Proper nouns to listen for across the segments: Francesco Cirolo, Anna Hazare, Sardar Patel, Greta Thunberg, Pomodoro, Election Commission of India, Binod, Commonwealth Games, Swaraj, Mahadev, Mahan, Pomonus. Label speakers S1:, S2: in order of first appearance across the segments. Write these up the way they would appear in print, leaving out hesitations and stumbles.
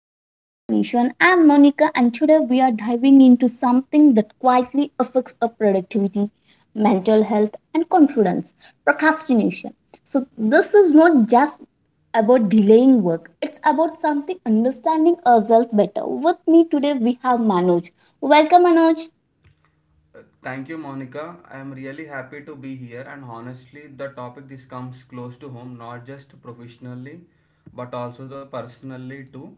S1: of procrastination. I'm Monica and today we are diving into something that quietly affects our productivity, mental health and confidence, procrastination. So this is not just about delaying work. It's about something understanding ourselves better. With me today we have Manoj. Welcome Manoj.
S2: Thank you, Monica. I am really happy to be here, and honestly, the topic this comes close to home, not just professionally, but also the personally too.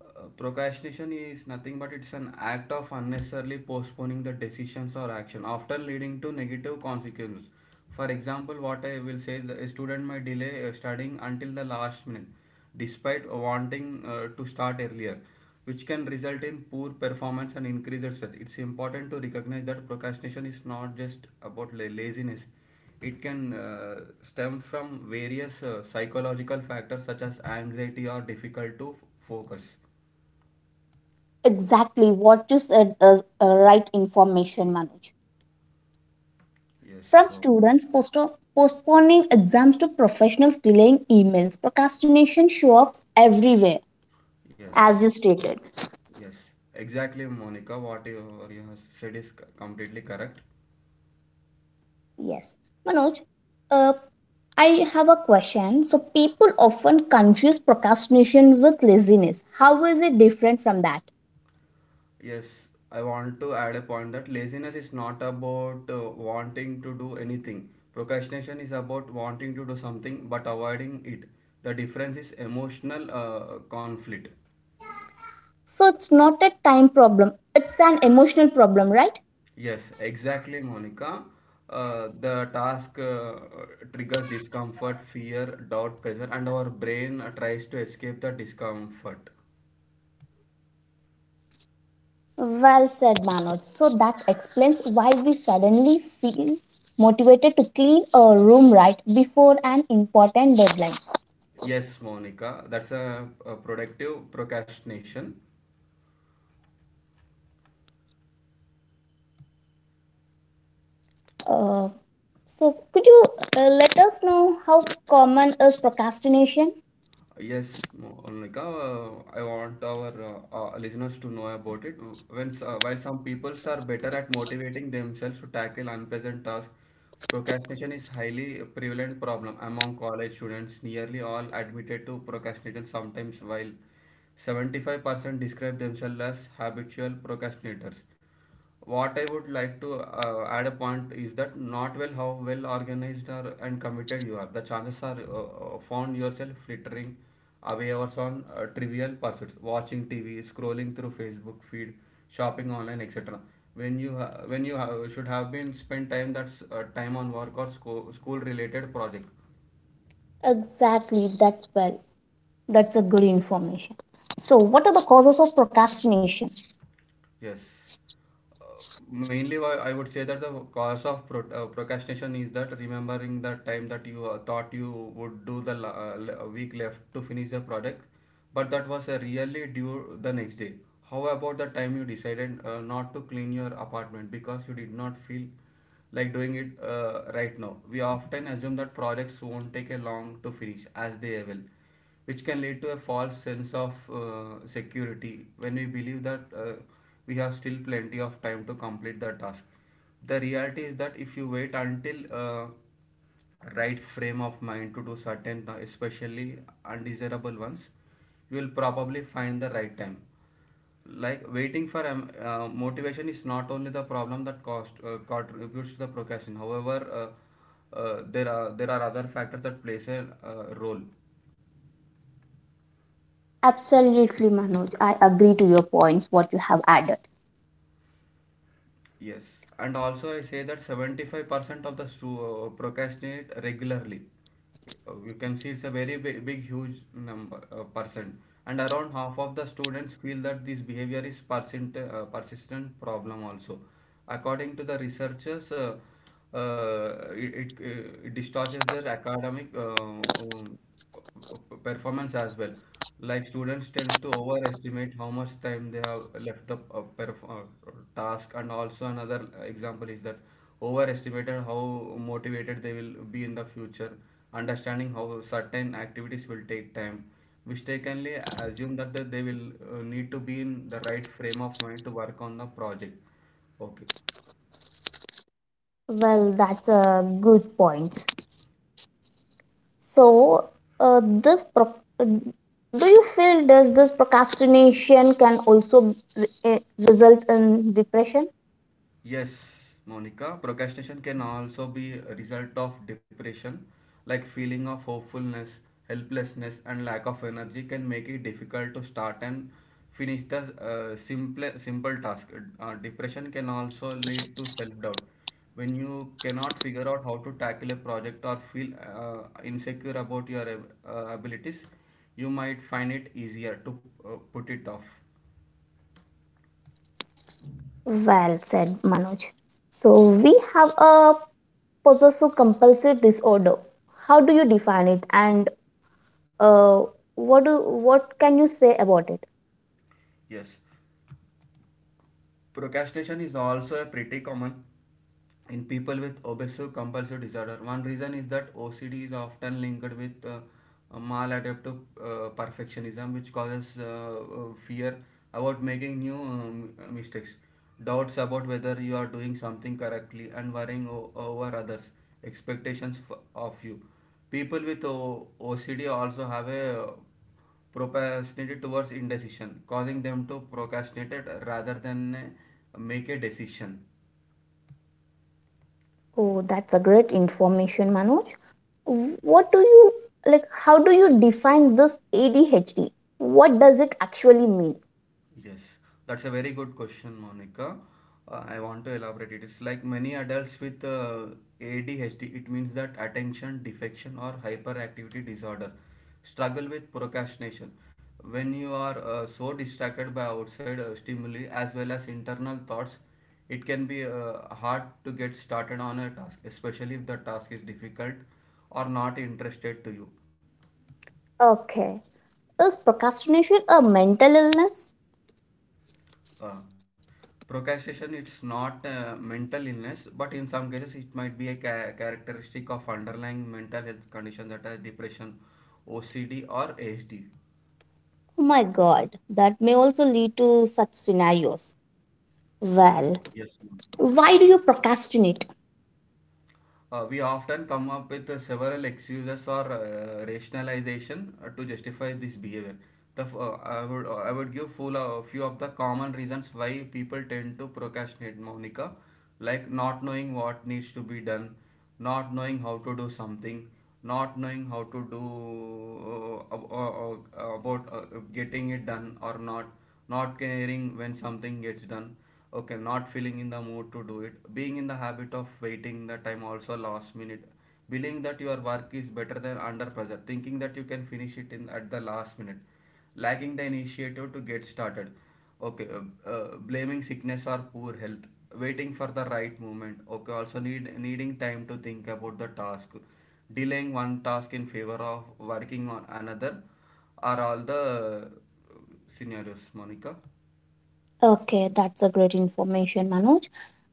S2: Procrastination is nothing but it's an act of unnecessarily postponing the decisions or action, often leading to negative consequences. For example, what I will say is that a student might delay studying until the last minute, despite wanting to start earlier, which can result in poor performance and increased stress. It's important to recognize that procrastination is not just about laziness. It can stem from various psychological factors such as anxiety or difficult to focus.
S1: Exactly what you said is right information, Manoj.
S2: Yes,
S1: From
S2: so it,
S1: students postponing exams to professionals delaying emails, procrastination shows up everywhere,
S2: yes,
S1: as you stated.
S2: yes, exactly, Monica. What you have said is completely correct.
S1: Yes. Manoj, uh, I have a question. So, people often confuse procrastination with laziness. How is it different from that?
S2: Yes, I want to add a point that laziness is not about wanting to do anything. Procrastination is about wanting to do something but avoiding it. The difference is emotional conflict.
S1: So, it's not a time problem, it's an emotional problem, right?
S2: Yes, exactly, Monica. The task triggers discomfort, fear, doubt, pressure, and our brain tries to escape the discomfort.
S1: Well said, Manoj. So, that explains why we suddenly feel motivated to clean a room right before an important deadline.
S2: Yes, Monica, that's a productive procrastination.
S1: Uh, so, could you let us know how common is procrastination?
S2: Yes, Monica, I want our listeners to know about it. While some peoples are better at motivating themselves to tackle unpleasant tasks, procrastination is highly prevalent problem among college students. Nearly all admitted to procrastination sometimes, while 75% describe themselves as habitual procrastinators. What I would like to add a point is that not well how well organized are and committed you are, the chances are found yourself flittering away hours on trivial pursuits, watching tv, scrolling through facebook feed, shopping online, etc, when you should have been spent time, that's time on work or school related project.
S1: Exactly, that's well. That's a good information. So, what are the causes of procrastination?
S2: Yes. Uh, Mainly, why I would say that the cause of procrastination is that remembering the time that you thought you would do the week left to finish the project, but that was really due the next day. How about the time you decided not to clean your apartment because you did not feel like doing it right now? We often assume that projects won't take a long to finish as they will, which can lead to a false sense of security when we believe that we have still plenty of time to complete the task. The reality is that if you wait until right frame of mind to do certain, especially undesirable ones, you will probably find the right time, like waiting for motivation is not only the problem that cost contributes to the procrastination. However, there are other factors that plays a role.
S1: Absolutely, Manoj. I agree to your points, what you have added.
S2: Yes, and also I say that 75% of the procrastinate regularly. You can see it's a very big huge number percent, and around half of the students feel that this behavior is persistent problem also. According to the researchers, it distorts their academic performance as well. Like students tends to overestimate how much time they have left the task, and also another example is that overestimated how motivated they will be in the future. Understanding how certain activities will take time, mistakenly assume that they will need to be in the right frame of mind to work on the project. Okay.
S1: Well, that's a good point. So, uh, this pro- uh, do you feel does this procrastination can also result in depression?
S2: Yes, Monica, procrastination can also be a result of depression, like feeling of hopefulness, helplessness, and lack of energy can make it difficult to start and finish the simple task. Depression can also lead to self-doubt. When you cannot figure out how to tackle a project or feel insecure about your abilities, you might find it easier to put it off.
S1: Well said, Manoj. So we have a possessive compulsive disorder. How do you define it, and uh, what do what can you say about it?
S2: Yes. Procrastination is also a pretty common in people with obsessive compulsive disorder. One reason is that OCD is often linked with maladaptive perfectionism, which causes fear about making new mistakes, doubts about whether you are doing something correctly, and worrying over others' expectations of you. People with OCD also have a procrastinated towards indecision, causing them to procrastinate rather than make a decision.
S1: Oh, that's a great information, Manoj. What do you Like, how do you define this ADHD? What does it actually mean?
S2: Yes, that's a very good question, Monica. I want to elaborate. It is like many adults with ADHD, it means that attention defection or hyperactivity disorder, struggle with procrastination. When you are so distracted by outside stimuli as well as internal thoughts, it can be hard to get started on a task, especially if the task is difficult or not interested to you.
S1: Okay, is procrastination a mental illness?
S2: Uh, Procrastination it's not a mental illness, but in some cases it might be a characteristic of underlying mental health conditions that are depression, OCD or ADHD.
S1: Oh my god, that may also lead to such scenarios. Well,
S2: Yes, ma'am.
S1: why do you procrastinate?
S2: We often come up with several excuses or rationalization to justify this behavior. I would give full a few of the common reasons why people tend to procrastinate, Monica, like not knowing what needs to be done, not knowing how to do something, not knowing how to do about getting it done or not, not caring when something gets done. Okay. Not feeling in the mood to do it, being in the habit of waiting the time also last minute, believing that your work is better than under pressure, thinking that you can finish it in at the last minute, lacking the initiative to get started. Okay. Blaming sickness or poor health, waiting for the right moment. Okay, also needing time to think about the task, delaying one task in favor of working on another are all the scenarios, Monica.
S1: Okay, that's a great information, Manoj.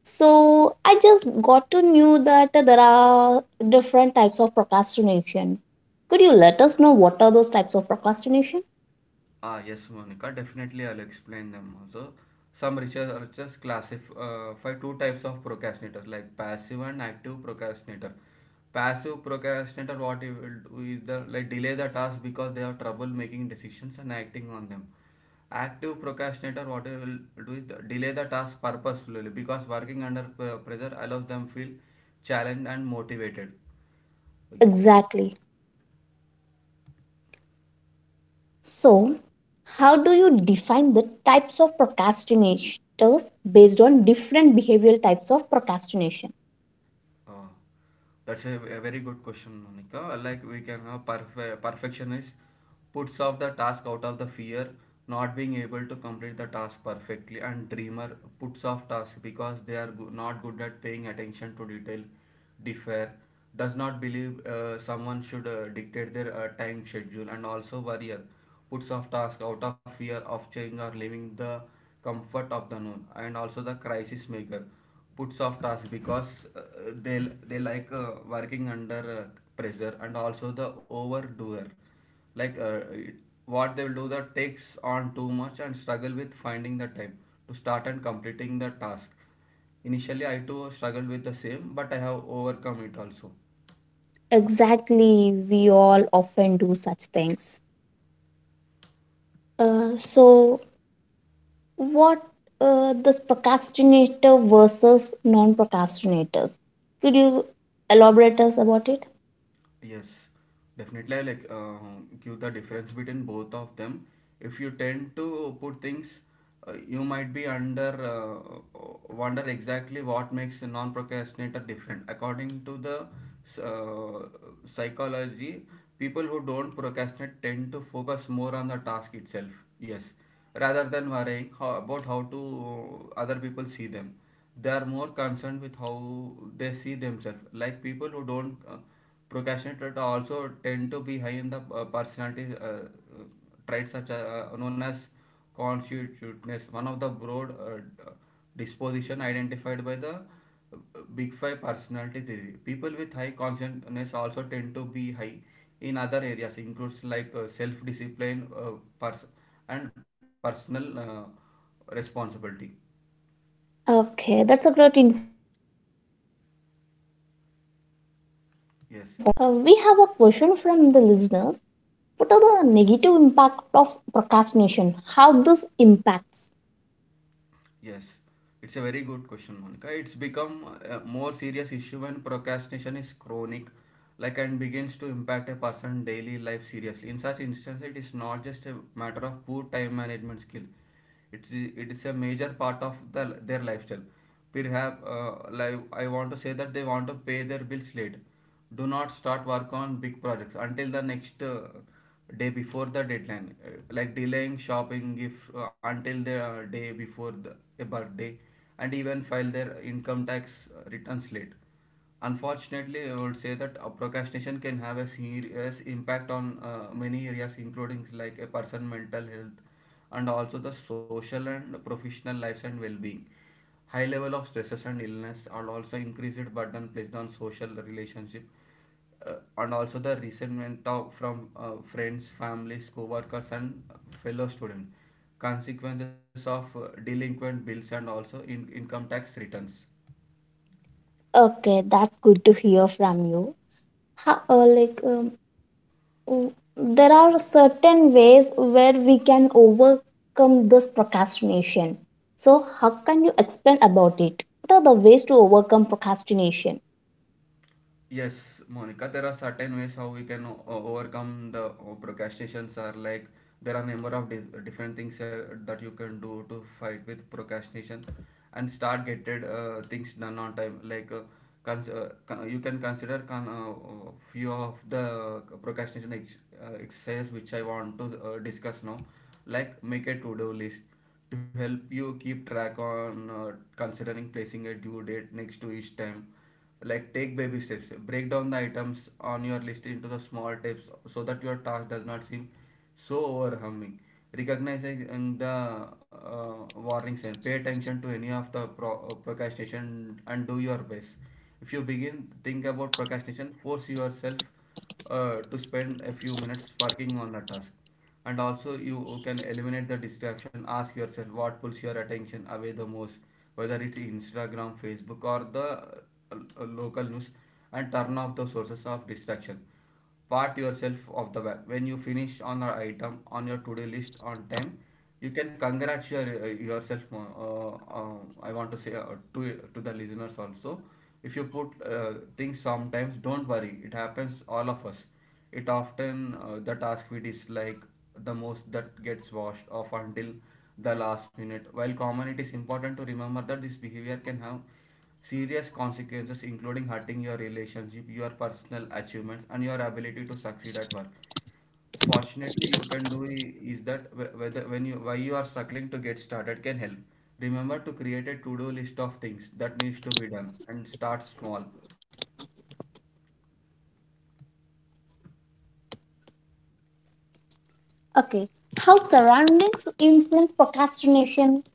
S1: So I just got to know that there are different types of procrastination. Could you let us know what are those types of procrastination?
S2: Ah, yes, Monica, definitely I'll explain them also. Some researchers classify two types of procrastinators like passive and active procrastinator. Passive procrastinator, what he will do is the like delay the task because they have trouble making decisions and acting on them. Active procrastinator, what he will do is delay the task purposefully because working under pressure allows them feel challenged and motivated. Okay.
S1: Exactly. So, how do you define the types of procrastinators based on different behavioral types of procrastination?
S2: Uh, that's a very good question, Monica. Like we can have perfectionist puts off the task out of the fear not being able to complete the task perfectly, and dreamer puts off task because they are not good at paying attention to detail, differ, does not believe someone should dictate their time schedule, and also warrior puts off tasks out of fear of change or leaving the comfort of the known, and also the crisis maker puts off tasks because they they like working under pressure, and also the overdoer like what they will do that takes on too much and struggle with finding the time to start and completing the task. Initially, I too struggled with the same, but I have overcome it also.
S1: Exactly, we all often do such things. So, what this procrastinator versus non-procrastinators, could you elaborate us about it?
S2: Yes, definitely. I like give the difference between both of them. If you tend to put things, you might be under wonder exactly what makes a non-procrastinator different. According to the uh, psychology, people who don't procrastinate tend to focus more on the task itself. Yes, rather than worrying about how to other people see them, they are more concerned with how they see themselves. Like people who don't procrastinate also tend to be high in the personality traits such as known as constitutiveness, one of the broad disposition identified by the big five personality theory. People with high consciousness also tend to be high in other areas includes like self discipline, pers- and personal responsibility.
S1: Okay, that's a great information, Manoj, and I appreciate you for that. uh,
S2: Yes,
S1: we have a question from the listeners. What are the negative impact of procrastination? How this impacts?
S2: yes, it's a very good question, Monica. It's become a more serious issue when procrastination is chronic, like, and begins to impact a person's daily life seriously. In such instances, it is not just a matter of poor time management skill; it is a major part of the, their lifestyle. Perhaps like I want to say that they want to pay their bills late. Do not start work on big projects until the next day before the deadline. Like delaying shopping if until the day before the a birthday, and even file their income tax returns late. Unfortunately, I would say that procrastination can have a serious impact on many areas, including like a person mental health and also the social and professional lives and well-being. High level of stresses and illness are also increased burden placed on social relationship, and also the resentment of, from friends, families, co-workers and fellow students. Consequences of delinquent bills and also in income tax returns.
S1: Okay, that's good to hear from you. how, uh, like uh, w- there are certain ways where we can overcome this procrastination. So, how can you explain about it? What are the ways to overcome procrastination?
S2: Yes, Monica, there are certain ways how we can overcome the procrastinations are like there are number of different things that you can do to fight with procrastination and start getting things done on time, like you can consider few of the procrastination exercises which I want to discuss now, like make a to-do list to help you keep track on, considering placing a due date next to each time. Like take baby steps, break down the items on your list into the small steps so that your task does not seem so overwhelming. Recognizing the warning sign, pay attention to any of the procrastination and do your best. If you begin think about procrastination, force yourself to spend a few minutes working on a task. And also, you can eliminate the distraction. Ask yourself what pulls your attention away the most, whether it's Instagram, Facebook, or the local news, and turn off the sources of distraction. Part yourself of the bag. When you finish on the item on your to-do list on time, you can congratulate yourself. Uh, I want to say, to the listeners also, if you put things sometimes, don't worry. It happens all of us. It often, the task we dislike the most that gets washed off until the last minute. While common, it is important to remember that this behavior can have serious consequences, including hurting your relationship, your personal achievements, and your ability to succeed at work. Fortunately, you can do is that whether when you why you are struggling to get started can help. Remember to create a to-do list of things that needs to be done and start small.
S1: Okay, how surroundings influence procrastination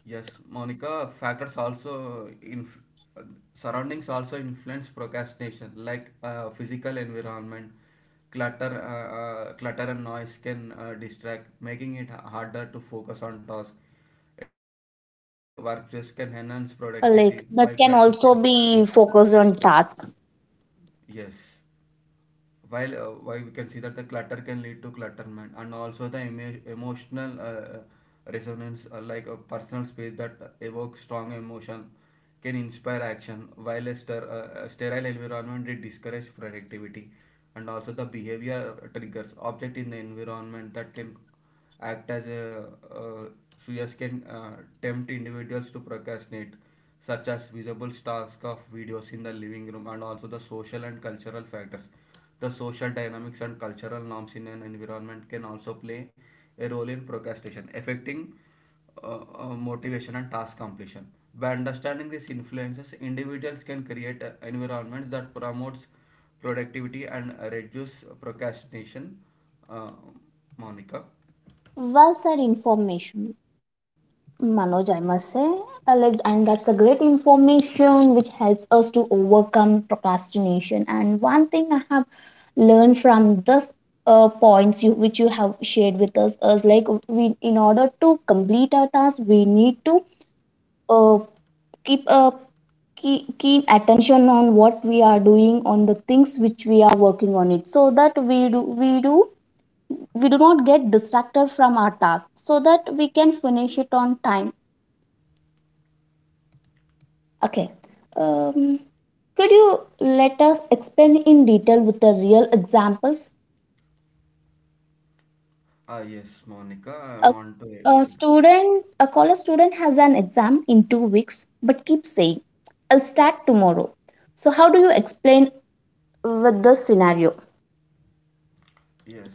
S2: Yes, Monica, factors also uh, surroundings also influence procrastination, like physical environment, clutter. Clutter and noise can distract, making it harder to focus on tasks. A tidy workplace can enhance
S1: to focus,
S2: productivity, while
S1: like
S2: clutter
S1: that can
S2: can
S1: also
S2: lead to.
S1: be focused on task.
S2: Yes, while we can see that the clutter can lead to clutterment, and also the emotional resonance, like a personal space that evokes strong emotion can inspire action, while a, a sterile environment, it discourages productivity. And also the behavior triggers object in the environment that can act as a uh, Suyas can tempt individuals to procrastinate, such as visible stars of videos in the living room, and also the social and cultural factors. The social dynamics and cultural norms in an environment can also play a role in procrastination, affecting motivation and task completion. By understanding these influences, individuals can create environments that promotes productivity and reduce procrastination. Uh, Monica.
S1: Well said information. Manoj, I must say, like, and that's a great information which helps us to overcome procrastination. And one thing I have learned from this, points you which you have shared with us is like, we in order to complete our task, we need to uh, keep a keen attention on what we are doing on the things which we are working on it, so that we do not get distracted from our task, so that we can finish it on time. Okay. Um, Could you let us expand in detail with the real examples?
S2: Ah, yes, Monica, I
S1: A,
S2: want to.
S1: a student, a college student has an exam in 2 weeks, but keeps saying, I'll start tomorrow. So, how do you explain with this scenario?
S2: Yes,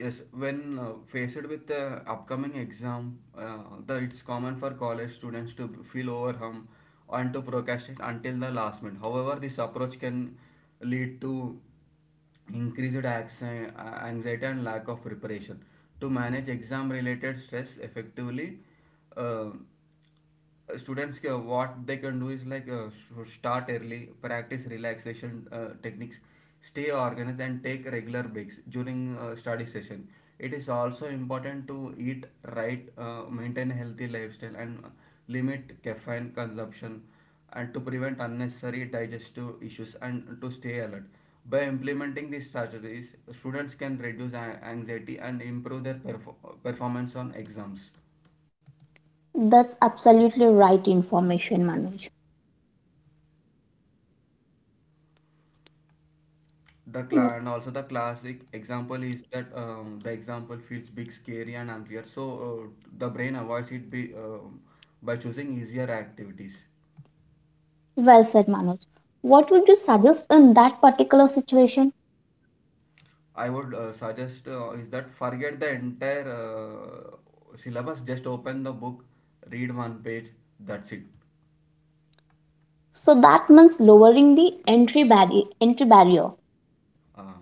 S2: yes. When faced with the upcoming exam, it's common for college students to feel overwhelmed and to procrastinate until the last minute. However, this approach can lead to increased anxiety and lack of preparation. To manage exam-related stress effectively, uh, students, what they can do is like, start early, practice relaxation techniques, stay organized, and take regular breaks during study session. It is also important to eat right, maintain healthy lifestyle, and limit caffeine consumption and to prevent unnecessary digestive issues and to stay alert. By implementing these strategies, students can reduce anxiety and improve their performance on exams.
S1: That's absolutely right information, Manoj.
S2: The
S1: W-
S2: cla and also the classic example is that, the example feels big, scary, and unclear. So the brain avoids it by choosing easier activities.
S1: Well said, Manoj. What would you suggest in that particular situation?
S2: I would suggest, is that forget the entire syllabus. Just open the book, read one page. That's it.
S1: So, that means lowering the entry, entry barrier.
S2: Uh,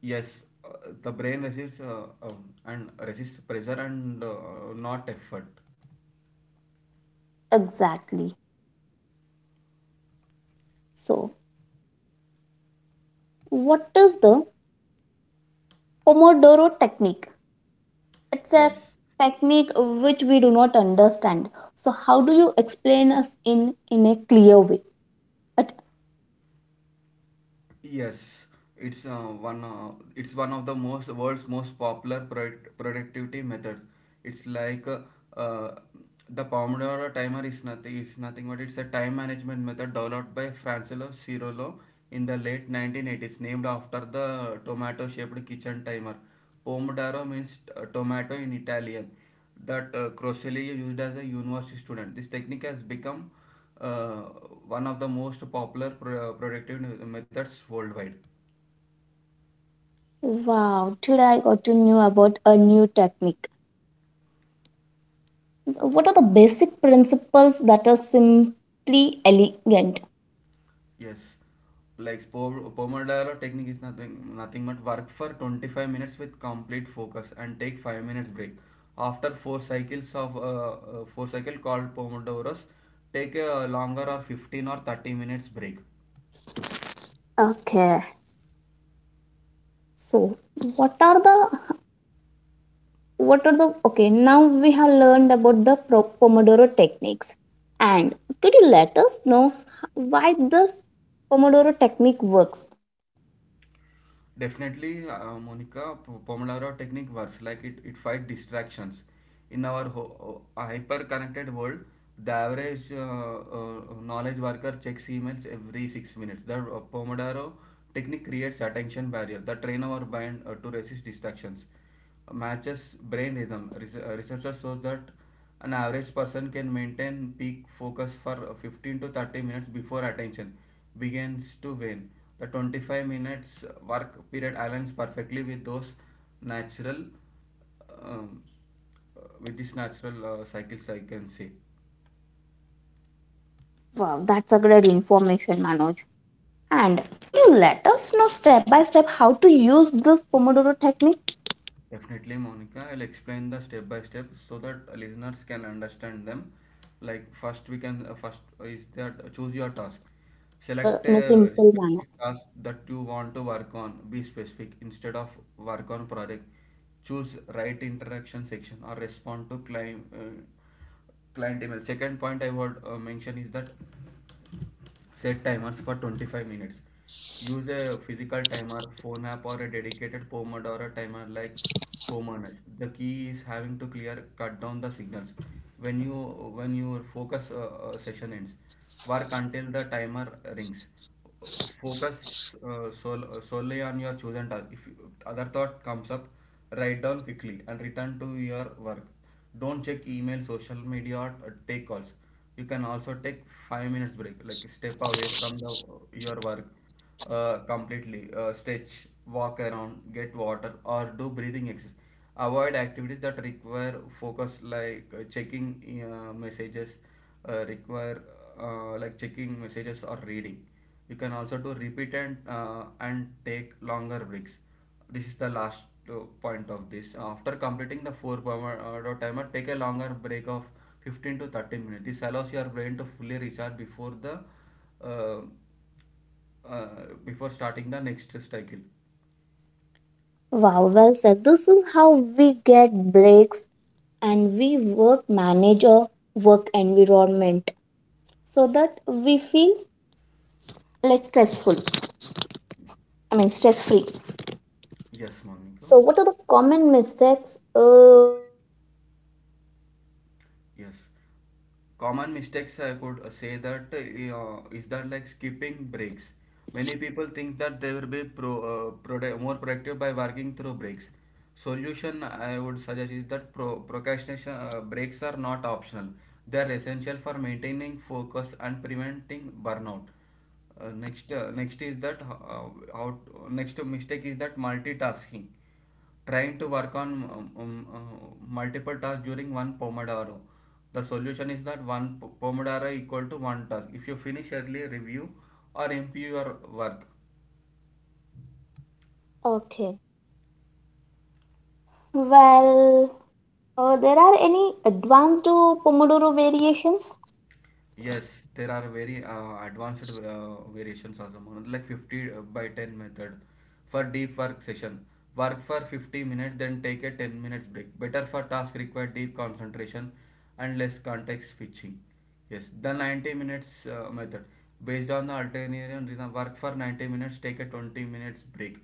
S2: yes, the brain resists, and resists pressure and not effort.
S1: Exactly. So, what is the Pomodoro technique? It's a
S2: Yes.
S1: technique which we do not understand, so how do you explain us in a clear way? But
S2: Yes, it's one it's one of the most world's most popular productivity methods. It's like uh, the Pomodoro timer is nothing but it's a time management method developed by Francesco Cirolo in the late 1980s, named after the tomato-shaped kitchen timer. Pomodoro means tomato in Italian that Crocelli used as a university student. This technique has become uh, one of the most popular productive methods worldwide.
S1: wow, today I got to know about a new technique. What are the basic principles that are simply elegant?
S2: Yes, like Pomodoro technique is nothing but work for 25 minutes with complete focus and take 5 minutes break. After four cycles of four cycle called Pomodoros, take a longer or 15 or 30 minutes break.
S1: Okay, so what are the what are the okay, now we have learned about the Pomodoro techniques. And could you let us know why this Pomodoro technique works?
S2: Definitely, Monica, Pomodoro technique works like it fight distractions. In our hyper connected world, the average knowledge worker checks emails every 6 minutes. The Pomodoro technique creates attention barrier that train our mind to resist distractions, matches brain rhythm. Researchers show that an average person can maintain peak focus for 15 to 30 minutes before attention begins to wane. The 25 minutes work period aligns perfectly with those natural, um, with this natural cycles, I can say.
S1: Wow, that's a great information, Manoj. And could you let us know step by step how to use this Pomodoro technique?
S2: Definitely, Monica. I'll explain the step by step so that listeners can understand them.
S1: Like
S2: Like first, we
S1: how
S2: can
S1: we
S2: first
S1: use
S2: is
S1: these
S2: that, choose
S1: techniques
S2: your task.
S1: in a simple
S2: Select a
S1: manner.
S2: specific task that you want to work on. Be specific instead of work on project. Choose right interaction section or respond to client client email. Second point I would mention is that set timers for 25 minutes. Use a physical timer, phone app, or a dedicated Pomodoro timer like Pomonus. The key is having to clear cut down the signals when your focus session ends. Work until the timer rings, focus solely on your chosen task. If other thought comes up, write down quickly and return to your work. Don't check email, social media, or take calls. You can also take 5 minutes break, like step away from the your work completely, stretch, walk around, get water, or do breathing exercise. Avoid activities that require focus, like checking messages require like checking messages or reading. You can also do repeat and, take longer breaks. This is the last uh, point of this. After completing the 4 pomodoro timer, take a longer break of 15 to 30 minutes. This allows your brain to fully recharge before the uh, uh, before starting the next cycle.
S1: Wow, well said. This is how we get breaks and we work manage our work environment so that we feel less stressful. I mean, stress free.
S2: Yes, Monica.
S1: So what are the common mistakes that we do
S2: Yes.
S1: generally and how to
S2: Common
S1: avoid them?
S2: mistakes I could say that is that like skipping breaks. Many people think that they will be more productive by working through breaks. Solution I would suggest is that procrastination breaks are not optional. They are essential for maintaining focus and preventing burnout. Next is that, how next mistake is that multitasking, trying to work on multiple tasks during one pomodoro. The solution is that one pomodoro equal to one task. If you finish early, review or improve your work.
S1: Okay. Well, there are any advanced Pomodoro variations?
S2: Yes, there are very advanced variations also, Mohan, like 50 by 10 method for deep work session. Work for 50 minutes, then take a 10 minutes break. Better for tasks require deep concentration and less context switching. Yes, the 90 minutes method based on the alternarian reason. Work for 90 minutes, take a 20 minutes break,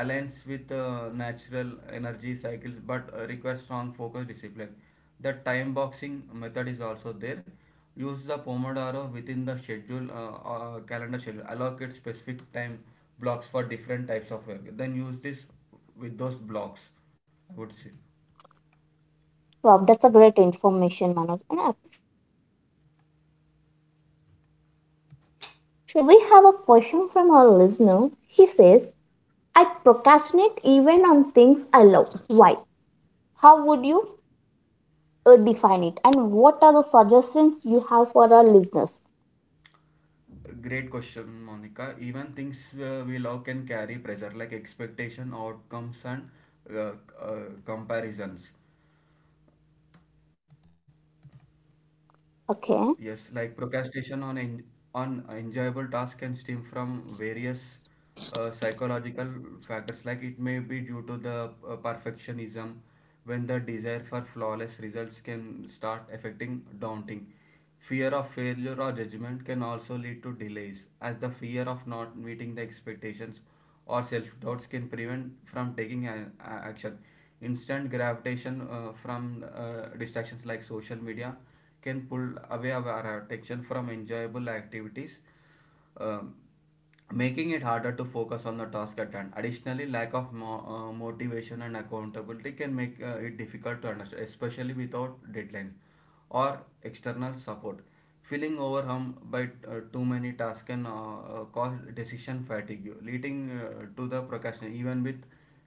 S2: aligns with natural energy cycles, but requires strong focus discipline. The time boxing method is also there. Use the Pomodoro within the schedule, calendar schedule. Allocate specific time blocks for different types of work. Then use this with those blocks, I would say.
S1: Wow, that's a great information, Manoj, and I appreciate you for that sharing with us. We have a question from our listener. He says, I procrastinate even on things I love. Why? How would you define it? And what are the suggestions you have for our listeners?
S2: Great question, Monica. Even things we love can carry pressure like expectation, outcomes, and uh, comparisons.
S1: Okay,
S2: Yes, like procrastination on en on enjoyable tasks can stem from various psychological factors. Like it may be due to the perfectionism, when the desire for flawless results can start affecting daunting. Fear of failure or judgment can also lead to delays, as the fear of not meeting the expectations or self doubts can prevent from taking action. Instant gravitation from distractions like social media can pull away our attention from enjoyable activities. Um, Making it harder to focus on the task at hand. Additionally, lack of motivation and accountability can make it difficult to understand, especially without deadlines or external support. Feeling overwhelmed by too many tasks can cause decision fatigue, leading to the procrastination, even with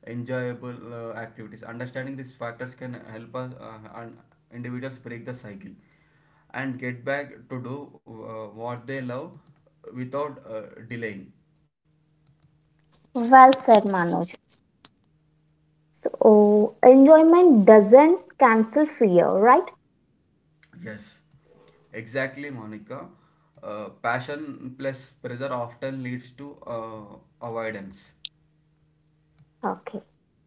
S2: enjoyable activities. Understanding these factors can help us and individuals break the cycle and get back to do what they love without delaying.
S1: well said, Manoj. So, enjoyment doesn't cancel fear, right?
S2: Yes, exactly, Monica. Passion plus pressure often leads to avoidance.
S1: Okay.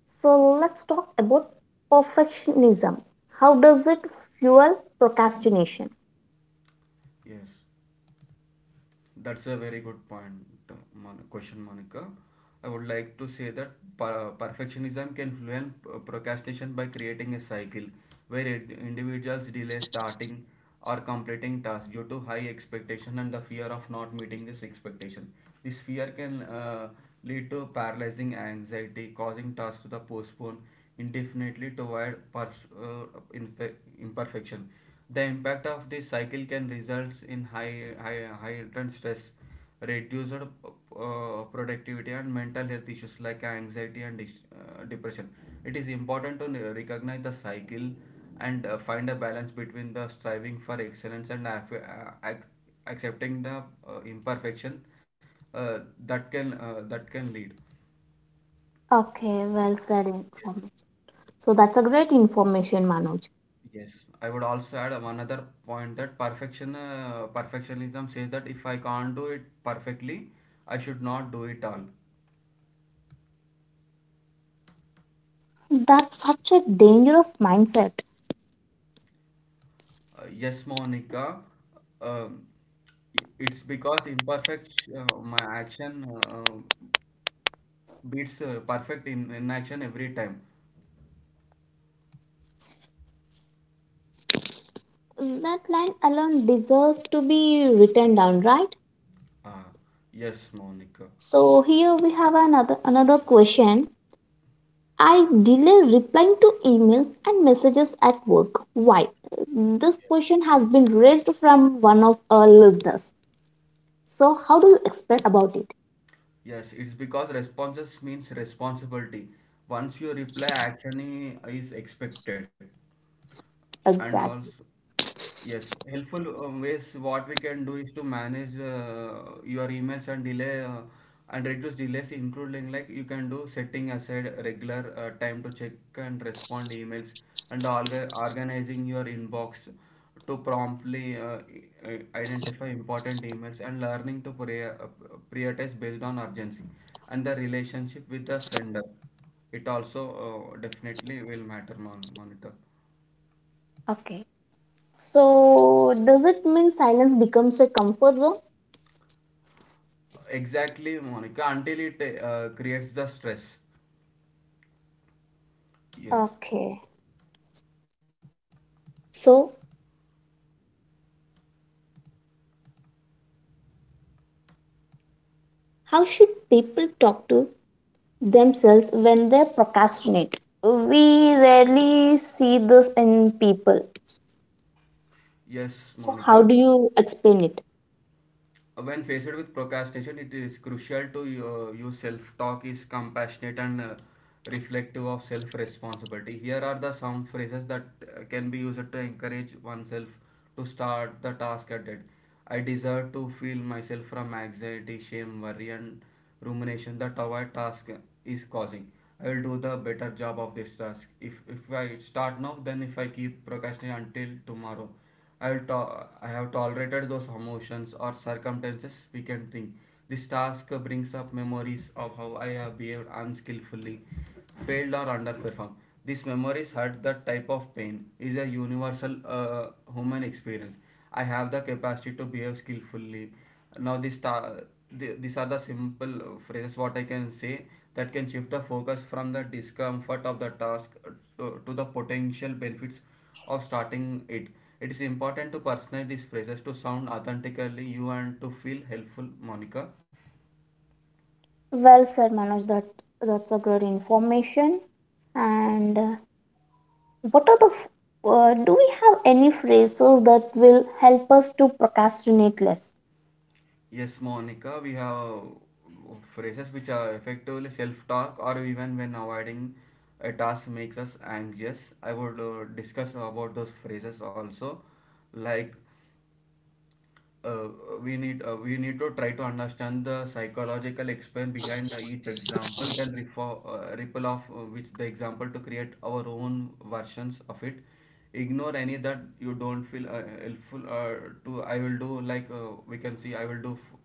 S1: So let's talk about perfectionism. How does it fuel procrastination?
S2: Yes. That's a very good point, question, Monica. I would like to say that perfectionism can fuel procrastination by creating a cycle where individuals delay starting or completing tasks due to high expectation and the fear of not meeting this expectation. This fear can lead to paralyzing anxiety, causing tasks to the postpone indefinitely to avoid impe- imperfection. The impact of this cycle can result in high, high, high heightened stress, reduced productivity, and mental health issues like anxiety and depression. It is important to recognize the cycle and find a balance between the striving for excellence and accepting the imperfection uh, that can lead.
S1: Okay, well said
S2: Yes.
S1: information. So that's a great information, Manoj.
S2: Yes, I would also add one other point that perfectionism says that if I can't do it perfectly, I should not do it all.
S1: That's such a dangerous mindset.
S2: Yes, Monica, um, it's because imperfect my action beats perfect in inaction every time.
S1: That line alone deserves to be written down, right?
S2: Uh, yes, Monica.
S1: So here we have another question. I delay replying to emails and messages at work. Why? This question has been raised from one of our listeners. So, how do you explain about it
S2: Yes, it's because responses means responsibility. Once you reply, action is expected, and also.
S1: exactly?
S2: Yes, helpful ways what we can do is to manage your emails and delay and reduce delays, including like you can do setting aside regular time to check and respond emails and organizing your inbox to promptly identify important emails and learning to prioritize based on urgency and the relationship with the sender. It also definitely will matter mon monitor.
S1: Okay. So, does it mean silence becomes a comfort zone?
S2: Exactly, Monica, until it creates the stress. Yes,
S1: Okay. So, how should people talk to themselves when they procrastinate? We rarely see this in people.
S2: yes,
S1: So, how
S2: Monica.
S1: do you explain it?
S2: When faced with procrastination, it is crucial to use self talk is compassionate and reflective of self responsibility. Here are the some phrases that can be used to encourage oneself to start the task at hand. I deserve to feel myself from anxiety, shame, worry, and rumination that our task is causing. I will do the better job of this task if I start now then if I keep procrastinating until tomorrow. I have tolerated those emotions or circumstances, we can think. This task brings up memories of how I have behaved unskillfully, failed or underperformed. These memories hurt, that type of pain is a universal human experience. I have the capacity to behave skillfully. Now this ta- th- These are the simple phrases what I can say that can shift the focus from the discomfort of the task to the potential benefits of starting it. It is important to personalize these phrases to sound authentically you and to feel helpful, Monica.
S1: Well said, Manoj. That's a great information. And what are the f- do we have any phrases that will help us to procrastinate less?
S2: Yes, Monica, we have phrases which are effectively self talk or even when avoiding a task makes us anxious. I would discuss about those phrases also, like uh, we need to try to understand the psychological explain behind each example then refer, ripple off which the example to create our own versions of it. Ignore any that you don't feel helpful to. I will do, like, we can see, I will do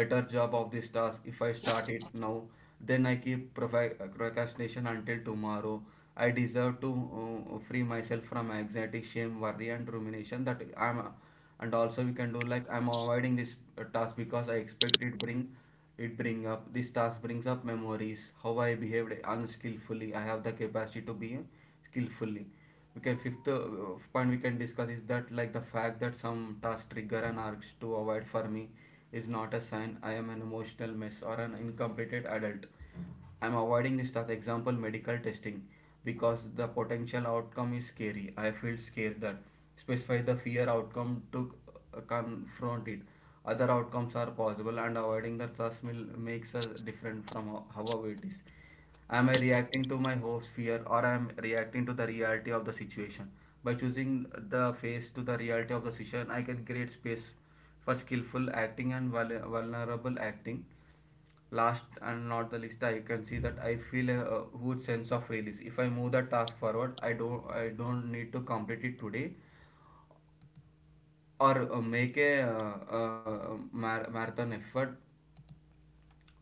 S2: better job of this task if I start it now. Then I keep procrastination until tomorrow. I deserve to free myself from anxiety, shame, worry, and rumination. And also we can do like, I'm avoiding this task because I expect it bring up this task brings up memories how I behaved unskillfully. I have the capacity to be skillfully. We can fifth point we can discuss is that, like, the fact that some task trigger an urge to avoid for me is not a sign I am an emotional mess or an incompetent adult. I am avoiding this, as example medical testing, because the potential outcome is scary. I feel scared that, specify the fear outcome to confront it. Other outcomes are possible and avoiding the trust will makes us different from however it is. Am I reacting to my hopes, fear, or am I reacting to the reality of the situation? By choosing the face to the reality of the situation, I can create space for skillful acting and vulnerable acting. Last and not the least, I can see that I feel a huge sense of release. If I move the task forward, I don't need to complete it today or make a marathon effort uh,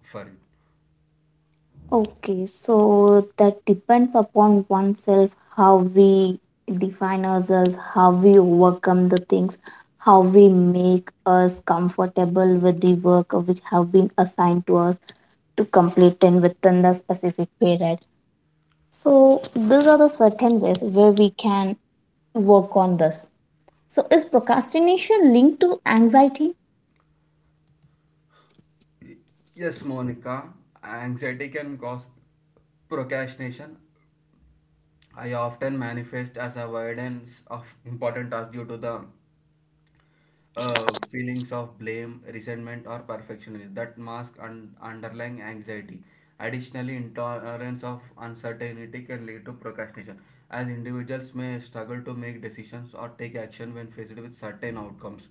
S2: for it.
S1: Okay, so that depends upon oneself how we define ourselves, how we overcome the things, how we make us comfortable with the work of which have been assigned to us to complete and within the specific period. So these are the certain ways where we can work on this. So is procrastination linked to anxiety?
S2: Yes, Monica, anxiety can cause procrastination. I often manifest as avoidance of important tasks due to the feelings of blame, resentment, or perfectionism that mask underlying anxiety. Additionally, intolerance of uncertainty can lead to procrastination, as individuals may struggle to make decisions or take action when faced with certain outcomes.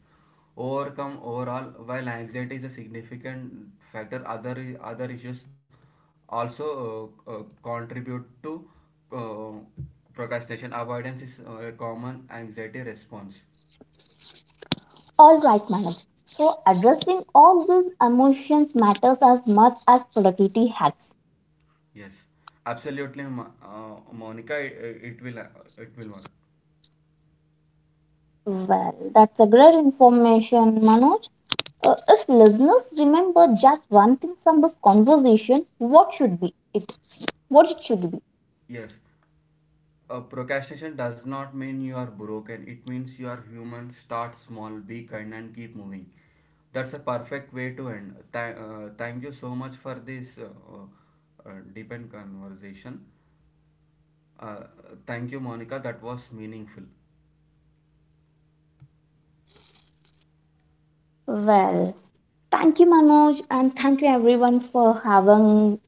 S2: Overcome Overall, while anxiety is a significant factor, other issues also contribute to uh, procrastination. Avoidance is a common anxiety response.
S1: All right, madam. So addressing all these emotions matters as much as productivity hacks.
S2: Yes, absolutely, Monica. It will it will work.
S1: Well, that's a great information, Manoj. If listeners remember just one thing from this conversation, what should be it? What it should be?
S2: Yes, procrastination does not mean you are broken. It means you are human. Start small, be kind, and keep moving. That's a perfect way to end. Thank you so much for this deep and conversation. Uh, Thank you, Monica. That was meaningful.
S1: Well, thank you, Manoj, and thank you everyone for having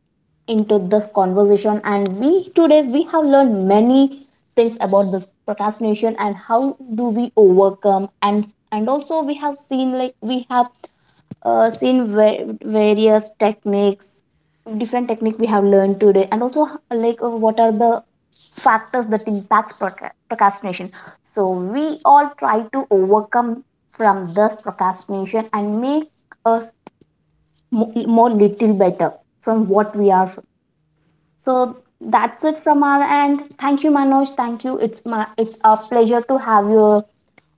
S1: into this conversation. And we today we have learned many things about this procrastination, and how do we overcome. And also we have seen, like we have seen various techniques, different technique we have learned today. And also like, what are the factors that impacts procrastination, so we all try to overcome from this procrastination and make us more little better from what we are. So that's it from our end. Thank you, Manoj. Thank you. It's a pleasure to have you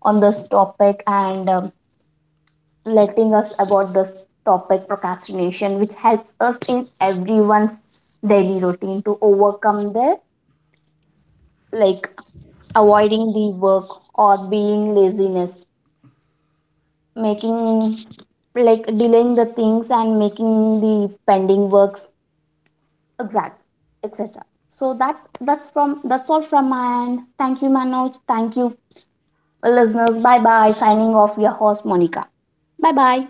S1: on this topic, and letting us about this topic procrastination, which helps us in everyone's daily routine to overcome their, like, avoiding the work or being laziness, making, like, delaying the things and making the pending works exact, etc. So that's all from my end. Thank you, Manoj. Thank you, listeners. Bye bye, signing off your host Monica. Bye bye.